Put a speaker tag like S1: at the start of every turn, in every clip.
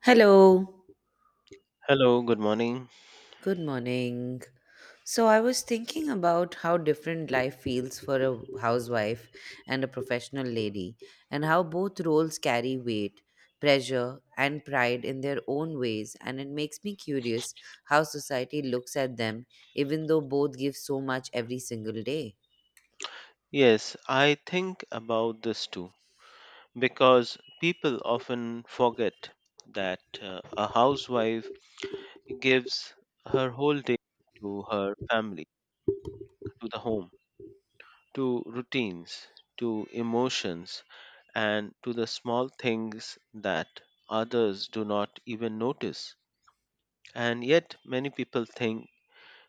S1: Hello,
S2: Hello, good morning.
S1: good morning. So, I was thinking about how different life feels for a housewife and a professional lady, and how both roles carry weight, pressure, and pride in their own ways. And it makes me curious how society looks at them, even though both give so much every single day.
S2: Yes, I think about this too because people often forget that a housewife gives her whole day to her family, to the home, to routines, to emotions, and to the small things that others do not even notice. And yet, many people think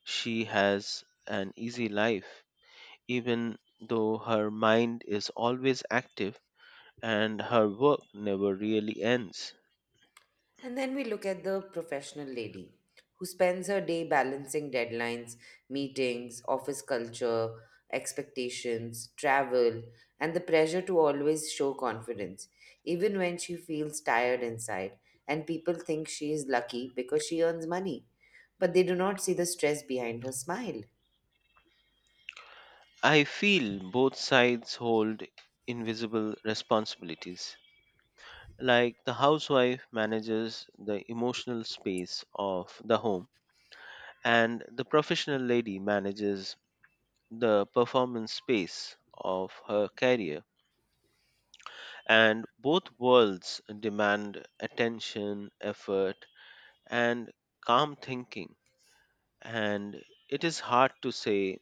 S2: she has an easy life, even though her mind is always active and her work never really ends.
S1: And then we look at the professional lady who spends her day balancing deadlines, meetings, office culture, expectations, travel, and the pressure to always show confidence, even when she feels tired inside. And people think she is lucky because she earns money, but they do not see the stress behind her smile.
S2: I feel both sides hold invisible responsibilities. Like the housewife manages the emotional space of the home, and the professional lady manages the performance space of her career. And both worlds demand attention, effort, and calm thinking. And it is hard to say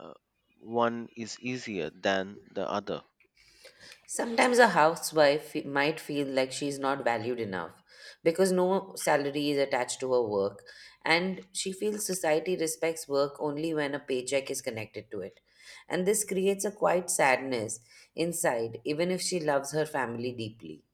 S2: uh, one is easier than the other.
S1: Sometimes a housewife might feel like she's not valued enough because no salary is attached to her work, and she feels society respects work only when a paycheck is connected to it. And this creates a quiet sadness inside, even if she loves her family deeply.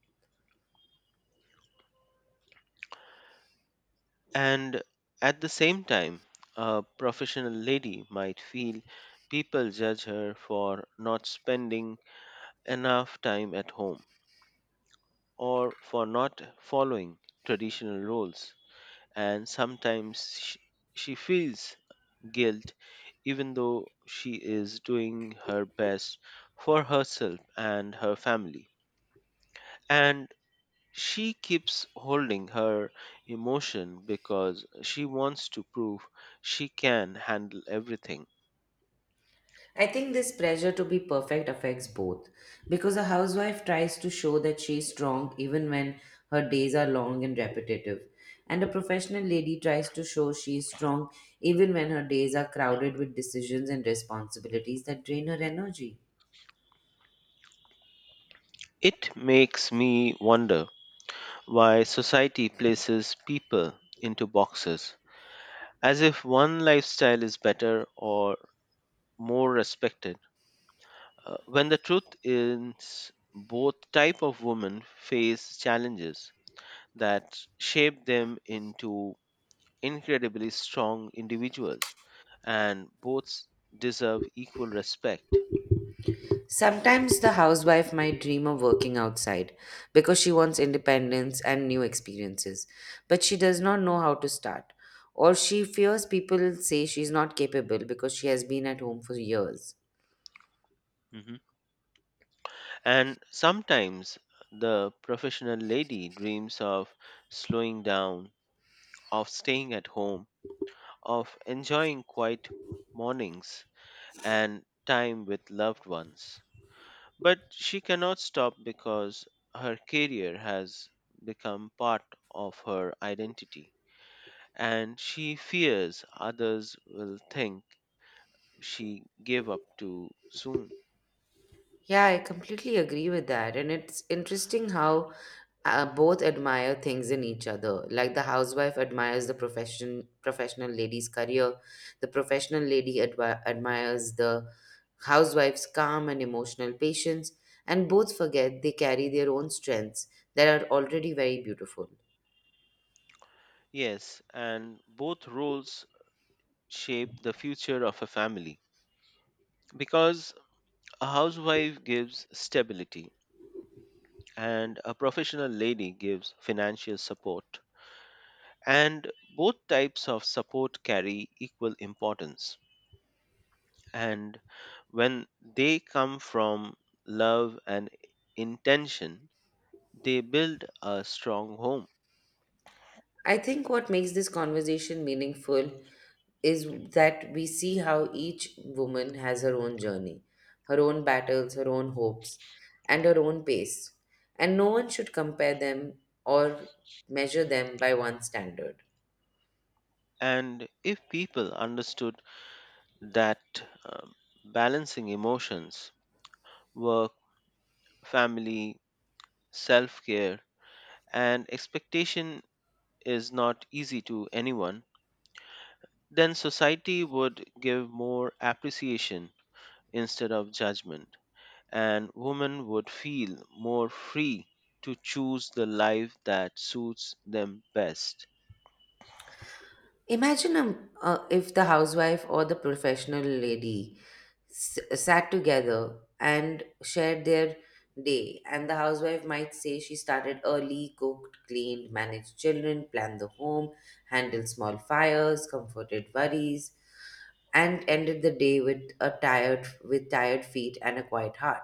S2: And at the same time, a professional lady might feel people judge her for not spending enough time at home or for not following traditional roles. And sometimes she feels guilt even though she is doing her best for herself and her family. And she keeps holding her emotion because she wants to prove she can handle everything.
S1: I think this pressure to be perfect affects both because a housewife tries to show that she is strong even when her days are long and repetitive, and a professional lady tries to show she is strong even when her days are crowded with decisions and responsibilities that drain her energy.
S2: It makes me wonder why society places people into boxes as if one lifestyle is better or more respected when the truth is both type of women face challenges that shape them into incredibly strong individuals, and both deserve equal respect.
S1: Sometimes the housewife might dream of working outside because she wants independence and new experiences, but she does not know how to start, or she fears people say she's not capable because she has been at home for years.
S2: Mhm. And sometimes the professional lady dreams of slowing down, of staying at home, of enjoying quiet mornings and time with loved ones. But she cannot stop because her career has become part of her identity, and she fears others will think she gave up too soon.
S1: Yeah, I completely agree with that. And it's interesting how both admire things in each other. Like the housewife admires the professional lady's career, the professional lady admires the housewife's calm and emotional patience, and both forget they carry their own strengths that are already very beautiful.
S2: Yes, and both roles shape the future of a family because a housewife gives stability and a professional lady gives financial support. And both types of support carry equal importance. And when they come from love and intention, they build a strong home.
S1: I think what makes this conversation meaningful is that we see how each woman has her own journey, her own battles, her own hopes, and her own pace. And no one should compare them or measure them by one standard.
S2: And if people understood that um, balancing emotions, work, family, self care, and expectation is not easy to anyone, then society would give more appreciation instead of judgment. And women would feel more free to choose the life that suits them best.
S1: Imagine, if the housewife or the professional lady sat together and shared their day, and the housewife might say she started early, cooked, cleaned, managed children, planned the home, handled small fires, comforted worries, and ended the day with a tired with tired feet and a quiet heart.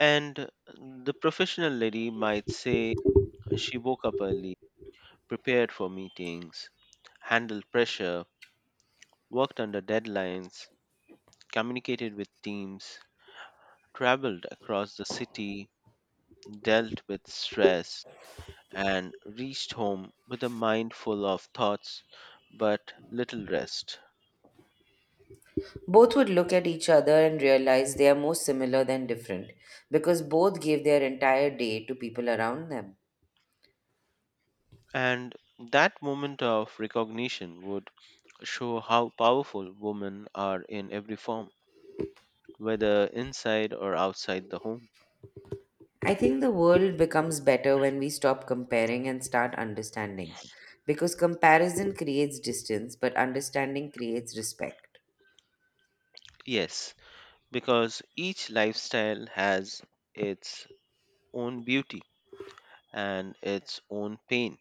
S2: And the professional lady might say she woke up early, prepared for meetings, handled pressure, worked under deadlines, communicated with teams, traveled across the city, dealt with stress, and reached home with a mind full of thoughts but little rest.
S1: Both would look at each other and realize they are more similar than different because both gave their entire day to people around them.
S2: And that moment of recognition would show how powerful women are in every form, whether inside or outside the home.
S1: I think the world becomes better when we stop comparing and start understanding. Because comparison creates distance, but understanding creates respect.
S2: Yes, because each lifestyle has its own beauty and its own pain,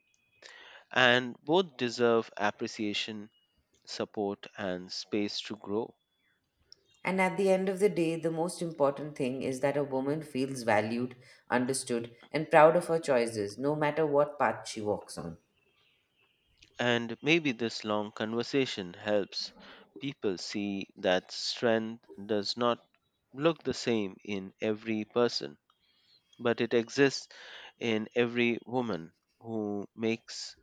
S2: and both deserve appreciation, support, and space to grow.
S1: And at the end of the day, the most important thing is that a woman feels valued, understood, and proud of her choices, no matter what path she walks on.
S2: And maybe this long conversation helps people see that strength does not look the same in every person, but it exists in every woman who makes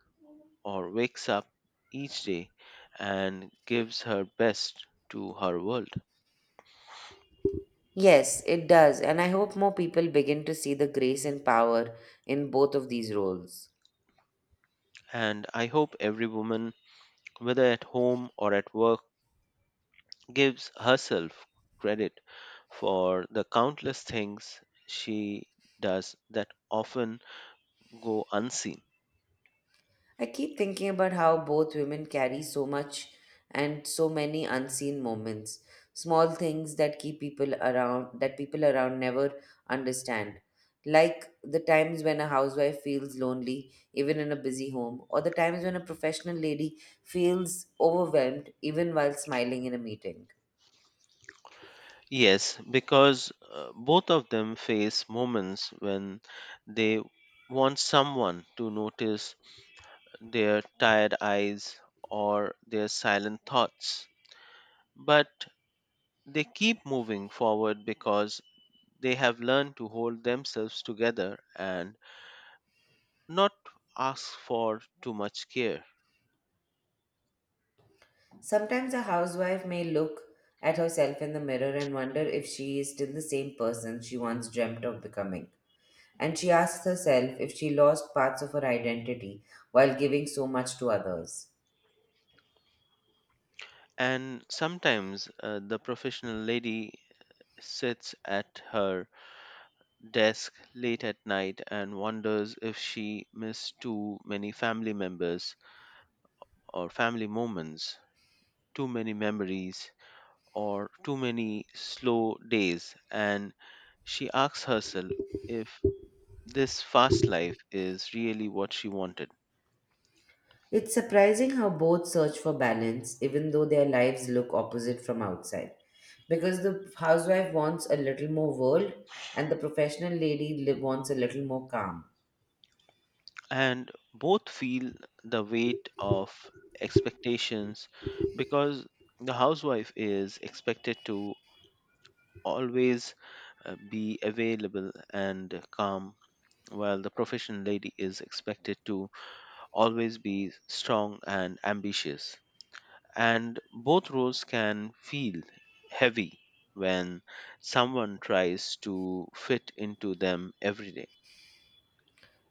S2: or wakes up each day and gives her best to her world.
S1: Yes, it does, and I hope more people begin to see the grace and power in both of these roles.
S2: And I hope every woman, whether at home or at work, gives herself credit for the countless things she does that often go unseen.
S1: I keep thinking about how both women carry so much and so many unseen moments, small things that keep people around that people around never understand. Like the times when a housewife feels lonely even in a busy home, or the times when a professional lady feels overwhelmed even while smiling in a meeting.
S2: Yes, because both of them face moments when they want someone to notice their tired eyes or their silent thoughts. But they keep moving forward because they have learned to hold themselves together and not ask for too much care.
S1: Sometimes a housewife may look at herself in the mirror and wonder if she is still the same person she once dreamt of becoming. And she asks herself if she lost parts of her identity while giving so much to others.
S2: And sometimes the professional lady sits at her desk late at night and wonders if she missed too many family members or family moments, too many memories, or too many slow days. And she asks herself if this fast life is really what she wanted.
S1: It's surprising how both search for balance, even though their lives look opposite from outside. Because the housewife wants a little more world, and the professional lady wants a little more calm.
S2: And both feel the weight of expectations because the housewife is expected to always be available and calm while the professional lady is expected to always be strong and ambitious. And both roles can feel heavy when someone tries to fit into them every day.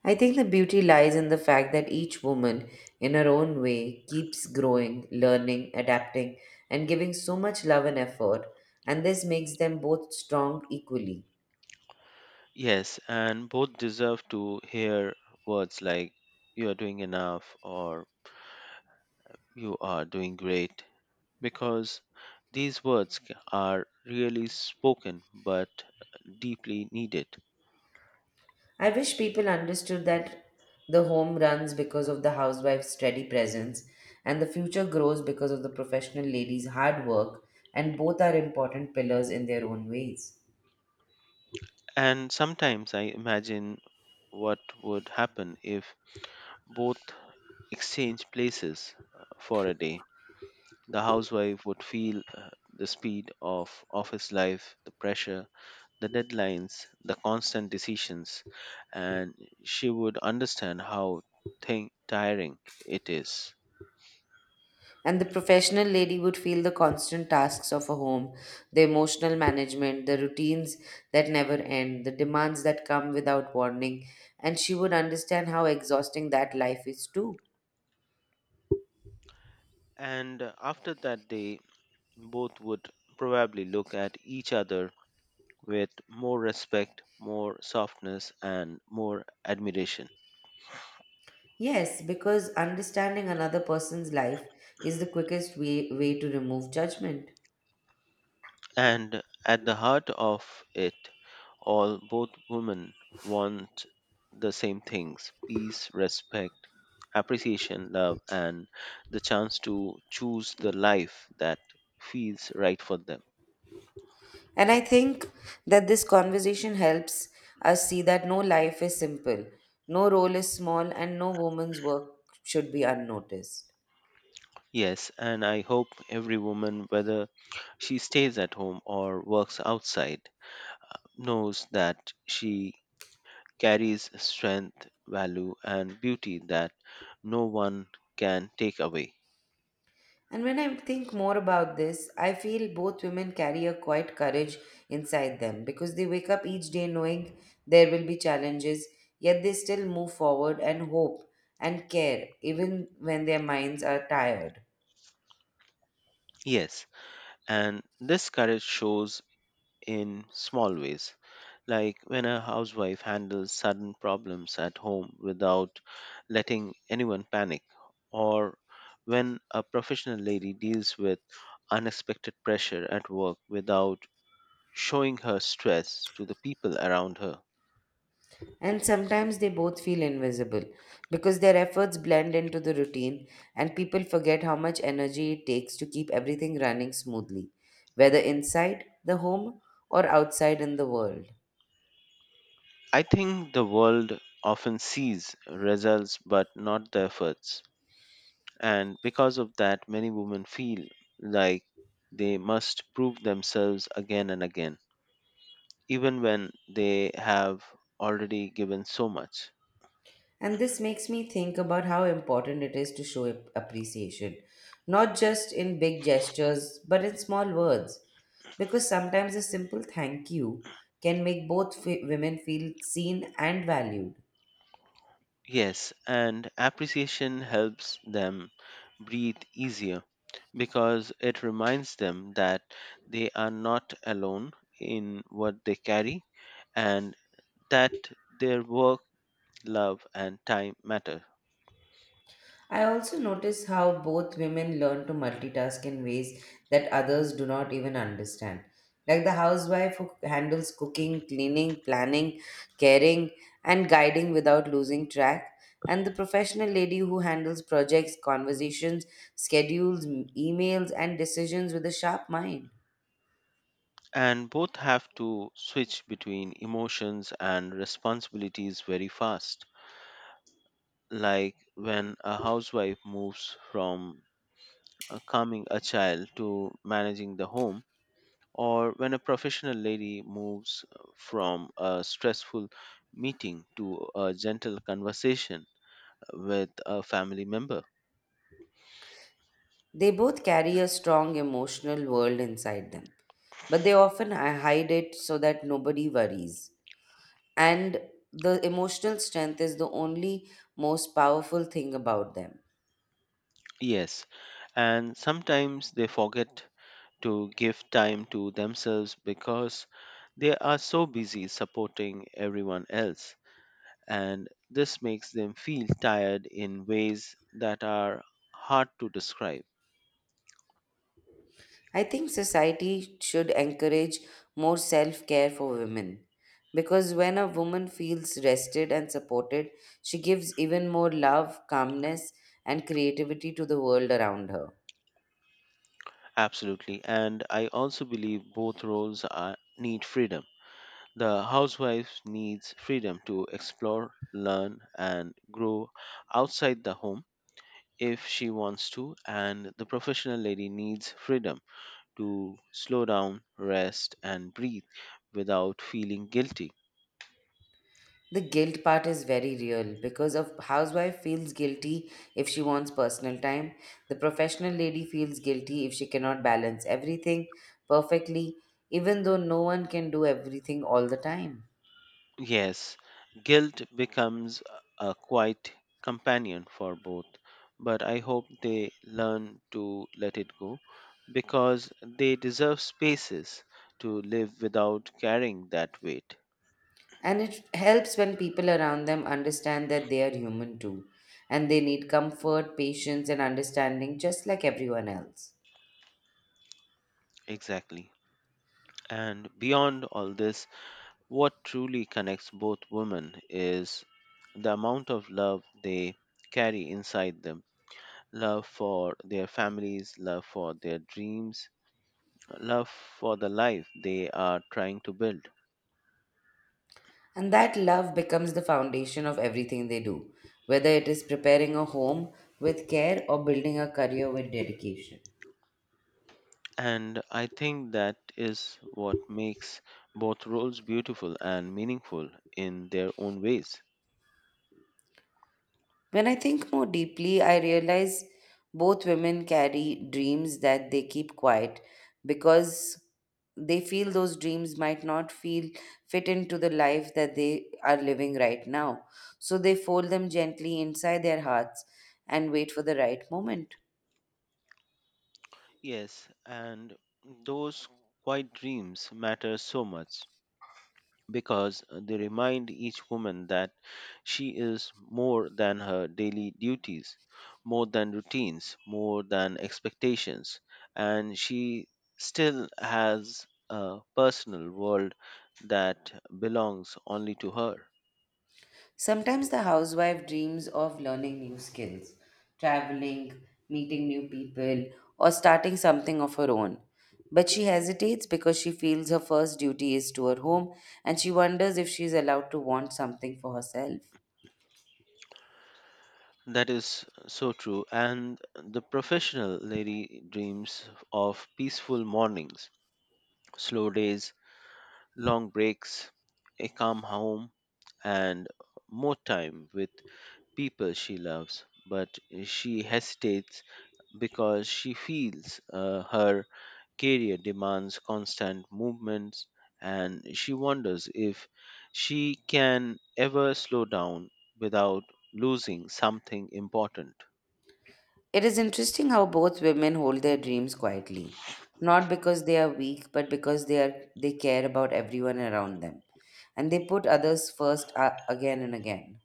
S1: I think the beauty lies in the fact that each woman, in her own way, keeps growing, learning, adapting, and giving so much love and effort, and this makes them both strong equally.
S2: Yes, and both deserve to hear words like you are doing enough or you are doing great because these words are really spoken but deeply needed.
S1: I wish people understood that the home runs because of the housewife's steady presence, and the future grows because of the professional lady's hard work, and both are important pillars in their own ways.
S2: And sometimes I imagine what would happen if both exchanged places for a day. The housewife would feel the speed of office life, the pressure, the deadlines, the constant decisions, and she would understand how thing tiring it is.
S1: And the professional lady would feel the constant tasks of a home, the emotional management, the routines that never end, the demands that come without warning, and she would understand how exhausting that life is too.
S2: And after that day, both would probably look at each other with more respect, more softness, and more admiration.
S1: Yes, because understanding another person's life is the quickest way to remove judgment.
S2: And at the heart of it all, both women want the same things peace, respect, appreciation, love, and the chance to choose the life that feels right for them.
S1: And I think that this conversation helps us see that no life is simple, no role is small, and no woman's work should be unnoticed.
S2: Yes, and I hope every woman, whether she stays at home or works outside, knows that she carries strength, value, and beauty that no one can take away.
S1: And when I think more about this, I feel both women carry a quiet courage inside them because they wake up each day knowing there will be challenges, yet they still move forward and hope and care even when their minds are tired.
S2: Yes, and this courage shows in small ways, like when a housewife handles sudden problems at home without letting anyone panic, or when a professional lady deals with unexpected pressure at work without showing her stress to the people around her.
S1: And sometimes they both feel invisible because their efforts blend into the routine and people forget how much energy it takes to keep everything running smoothly, whether inside the home or outside in the world.
S2: I think the world often sees results but not the efforts. And because of that, many women feel like they must prove themselves again and again, even when they have already given so much.
S1: And this makes me think about how important it is to show appreciation, not just in big gestures, but in small words. Because sometimes a simple thank you can make both women feel seen and valued.
S2: Yes, and appreciation helps them breathe easier because it reminds them that they are not alone in what they carry and that their work, love, and time matter.
S1: I also notice how both women learn to multitask in ways that others do not even understand. Like the housewife who handles cooking, cleaning, planning, caring, and guiding without losing track, and the professional lady who handles projects, conversations, schedules, emails, and decisions with a sharp mind.
S2: And both have to switch between emotions and responsibilities very fast. Like when a housewife moves from calming a child to managing the home, or when a professional lady moves from a stressful meeting to a gentle conversation with a family member.
S1: They both carry a strong emotional world inside them, but they often hide it so that nobody worries. And the emotional strength is the only most powerful thing about them.
S2: Yes, and sometimes they forget to give time to themselves because they are so busy supporting everyone else. And this makes them feel tired in ways that are hard to describe.
S1: I think society should encourage more self care for women because when a woman feels rested and supported, she gives even more love, calmness, and creativity to the world around her.
S2: Absolutely. And I also believe both roles are, need freedom. The housewife needs freedom to explore, learn, and grow outside the home if she wants to, and the professional lady needs freedom to slow down, rest, and breathe without feeling guilty.
S1: The guilt part is very real because a housewife feels guilty if she wants personal time. The professional lady feels guilty if she cannot balance everything perfectly, even though no one can do everything all the time.
S2: Yes, guilt becomes a quiet companion for both, but I hope they learn to let it go because they deserve spaces to live without carrying that weight.
S1: And it helps when people around them understand that they are human too, and they need comfort, patience, and understanding just like everyone else.
S2: Exactly. And beyond all this, what truly connects both women is the amount of love they carry inside them love for their families, love for their dreams, love for the life they are trying to build.
S1: And that love becomes the foundation of everything they do, whether it is preparing a home with care or building a career with dedication.
S2: And I think that is what makes both roles beautiful and meaningful in their own ways.
S1: When I think more deeply, I realize both women carry dreams that they keep quiet because they feel those dreams might not feel fit into the life that they are living right now. So they fold them gently inside their hearts and wait for the right moment.
S2: Yes, and those quiet dreams matter so much. Because they remind each woman that she is more than her daily duties, more than routines, more than expectations, and she still has a personal world that belongs only to her.
S1: Sometimes the housewife dreams of learning new skills, traveling, meeting new people, or starting something of her own. But she hesitates because she feels her first duty is to her home and she wonders if she is allowed to want something for herself.
S2: That is so true. And the professional lady dreams of peaceful mornings, slow days, long breaks, a calm home, and more time with people she loves, but she hesitates because she feels her career demands constant movements and she wonders if she can ever slow down without losing something important.
S1: It is interesting how both women hold their dreams quietly, not because they are weak, but because they care about everyone around them. And they put others first, again and again.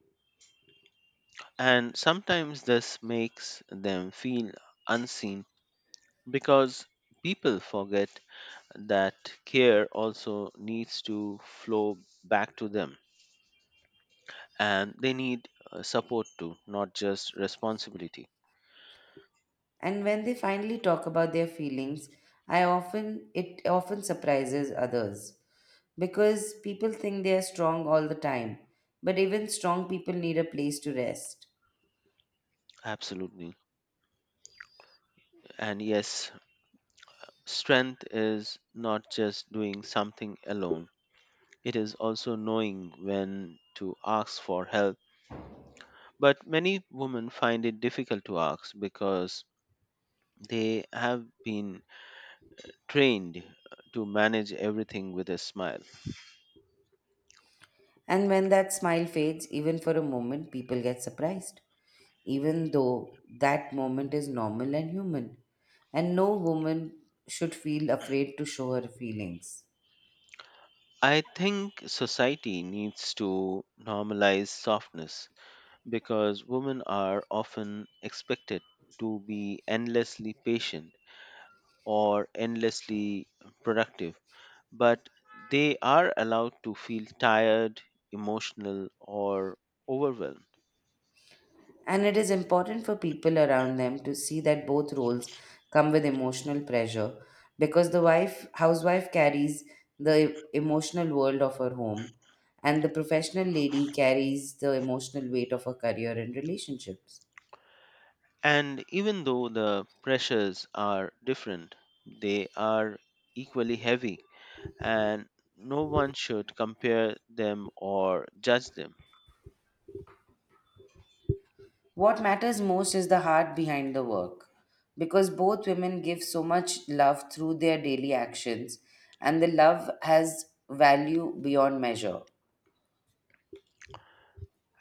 S2: And sometimes this makes them feel unseen because people forget that care also needs to flow back to them. And they need support too, not just responsibility.
S1: And when they finally talk about their feelings, I often it often surprises others because people think they are strong all the time, but even strong people need a place to rest.
S2: Absolutely. And yes, strength is not just doing something alone, it is also knowing when to ask for help. But many women find it difficult to ask because they have been trained to manage everything with a smile.
S1: And when that smile fades, even for a moment, people get surprised, even though that moment is normal and human. And no woman should feel afraid to show her feelings.
S2: I think society needs to normalize softness because women are often expected to be endlessly patient or endlessly productive, but they are allowed to feel tired, emotional, or overwhelmed.
S1: And it is important for people around them to see that both roles come with emotional pressure because the wife housewife carries the emotional world of her home and the professional lady carries the emotional weight of her career and relationships.
S2: And even though the pressures are different, they are equally heavy, and no one should compare them or judge them.
S1: What matters most is the heart behind the work because both women give so much love through their daily actions and the love has value beyond measure.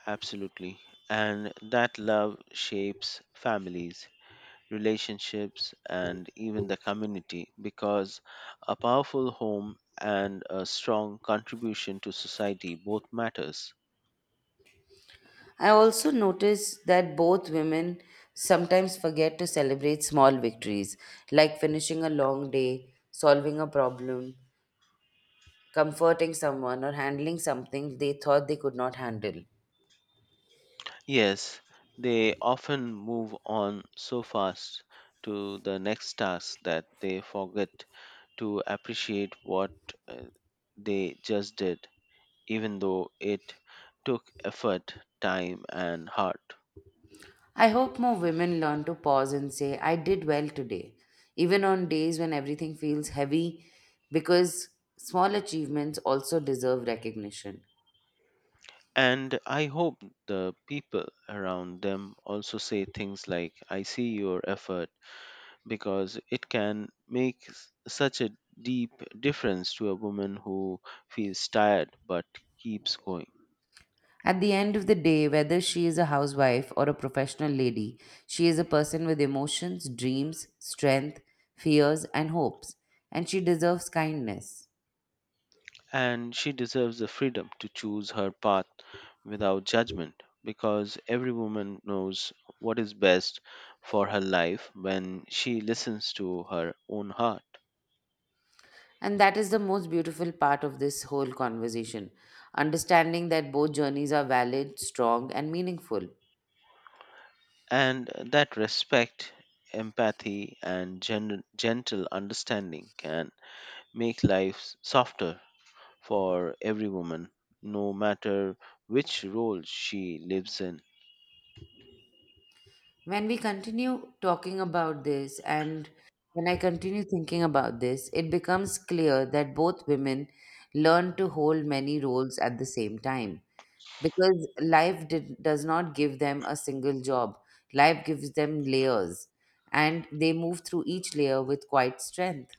S2: Absolutely. And that love shapes families relationships, and even the community because a powerful home and a strong contribution to society both matters.
S1: I also notice that both women sometimes forget to celebrate small victories, like finishing a long day, solving a problem, comforting someone, or handling something they thought they could not handle.
S2: Yes, they often move on so fast to the next task that they forget to appreciate what uh, they just did, even though it took effort, time, and heart.
S1: I hope more women learn to pause and say, I did well today, even on days when everything feels heavy, because small achievements also deserve recognition.
S2: And I hope the people around them also say things like, I see your effort, because it can make such a deep difference to a woman who feels tired but keeps going.
S1: At the end of the day, whether she is a housewife or a professional lady, she is a person with emotions, dreams, strength, fears, and hopes, and she deserves kindness.
S2: And she deserves the freedom to choose her path without judgment, because every woman knows what is best for her life when she listens to her own heart.
S1: And that is the most beautiful part of this whole conversation, understanding that both journeys are valid, strong, and meaningful.
S2: And that respect, empathy, and gentle understanding can make life softer for every woman, no matter which role she lives in.
S1: When we continue talking about this and when I continue thinking about this, it becomes clear that both women learn to hold many roles at the same time because does not give them a single job. Life gives them layers and they move through each layer with quite strength.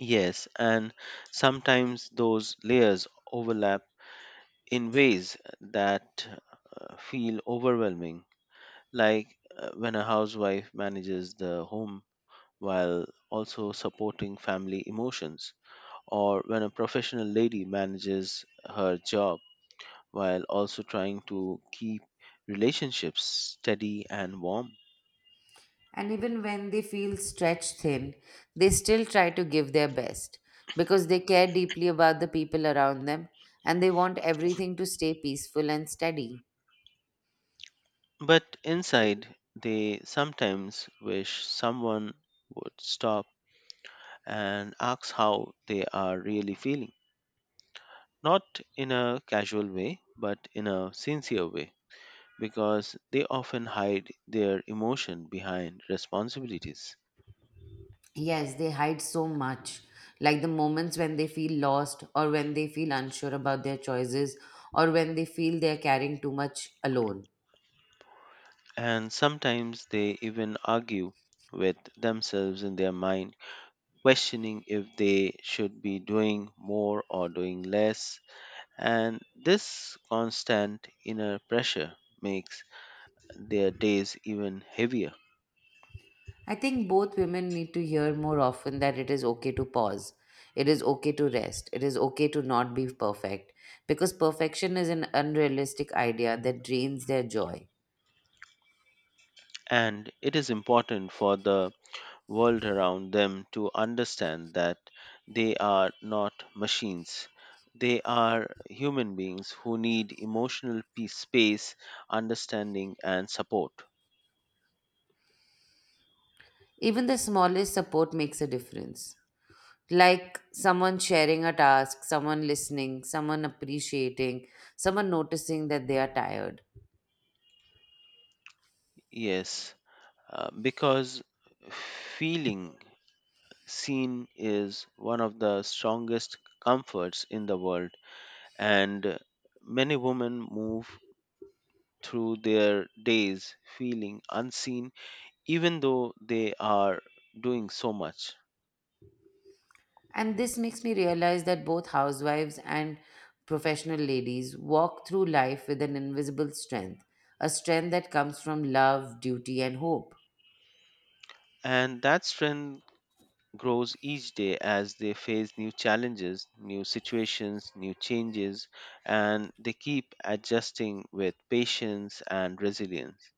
S2: Yes, and sometimes those layers overlap in ways that feel overwhelming, like when a housewife manages the home while also supporting family emotions or when a professional lady manages her job while also trying to keep relationships steady and warm.
S1: And even when they feel stretched thin, they still try to give their best because they care deeply about the people around them and they want everything to stay peaceful and steady.
S2: But inside, they sometimes wish someone would stop and ask how they are really feeling. Not in a casual way, but in a sincere way, because they often hide their emotion behind responsibilities.
S1: Yes, they hide so much, like the moments when they feel lost or when they feel unsure about their choices or when they feel they are carrying too much alone.
S2: And sometimes they even argue with themselves in their mind, questioning if they should be doing more or doing less. And this constant inner pressure makes their days even heavier.
S1: I think both women need to hear more often that it is okay to pause. It is okay to rest. It is okay to not be perfect. Because perfection is an unrealistic idea that drains their joy.
S2: And it is important for the world around them to understand that they are not machines. They are human beings who need emotional peace, space, understanding, and support.
S1: Even the smallest support makes a difference. Like someone sharing a task, someone listening, someone appreciating, someone noticing that they are tired.
S2: Yes, because feeling seen is one of the strongest comforts in the world, and many women move through their days feeling unseen, even though they are doing so much.
S1: And this makes me realize that both housewives and professional ladies walk through life with an invisible strength, a strength that comes from love, duty, and hope.
S2: And that strength grows each day as they face new challenges, new situations, new changes, and they keep adjusting with patience and resilience.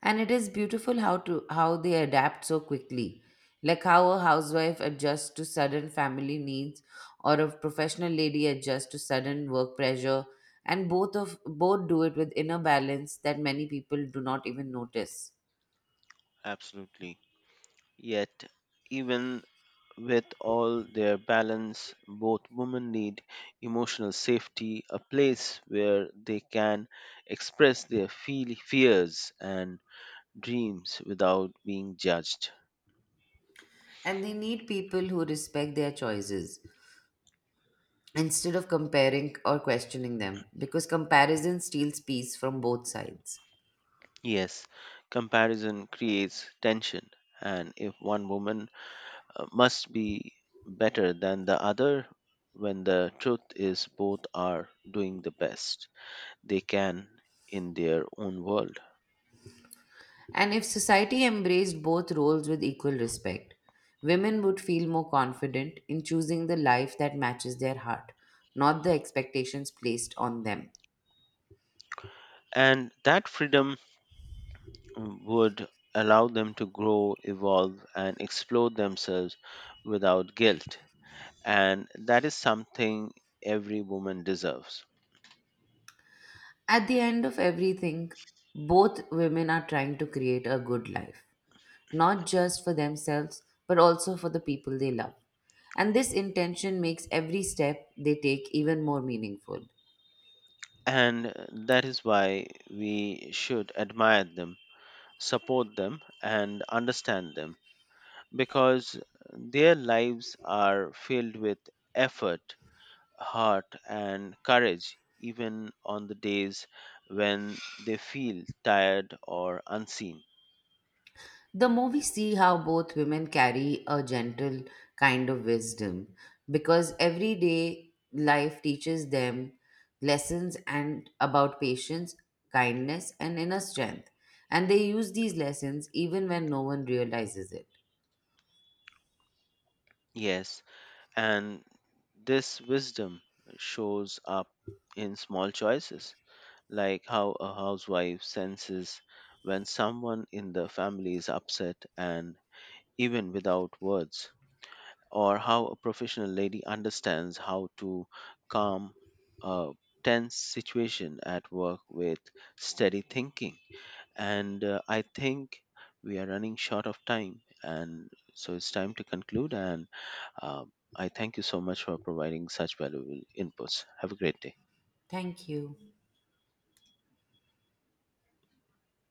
S1: And it is beautiful how they adapt so quickly, like how a housewife adjusts to sudden family needs, or a professional lady adjusts to sudden work pressure, and both do it with inner balance that many people do not even notice.
S2: Absolutely. Yet, even with all their balance, both women need emotional safety, a place where they can express their fears and dreams without being judged.
S1: And they need people who respect their choices instead of comparing or questioning them because comparison steals peace from both sides.
S2: Yes, comparison creates tension, and if one woman must be better than the other, when the truth is both are doing the best they can in their own world.
S1: And if society embraced both roles with equal respect, women would feel more confident in choosing the life that matches their heart, not the expectations placed on them.
S2: And that freedom would allow them to grow, evolve, and explore themselves without guilt. And that is something every woman deserves.
S1: At the end of everything, both women are trying to create a good life, not just for themselves, but also for the people they love. And this intention makes every step they take even more meaningful.
S2: And that is why we should admire them, support them, and understand them because their lives are filled with effort, heart, and courage, even on the days when they feel tired or unseen.
S1: The movie see how both women carry a gentle kind of wisdom because everyday life teaches them lessons and about patience, kindness and inner strength and they use these lessons even when no one realizes it.
S2: Yes, and this wisdom shows up in small choices, like how a housewife senses when someone in the family is upset and even without words, or how a professional lady understands how to calm a tense situation at work with steady thinking. And I think we are running short of time. And so it's time to conclude. And I thank you so much for providing such valuable inputs. Have a great day.
S1: Thank you.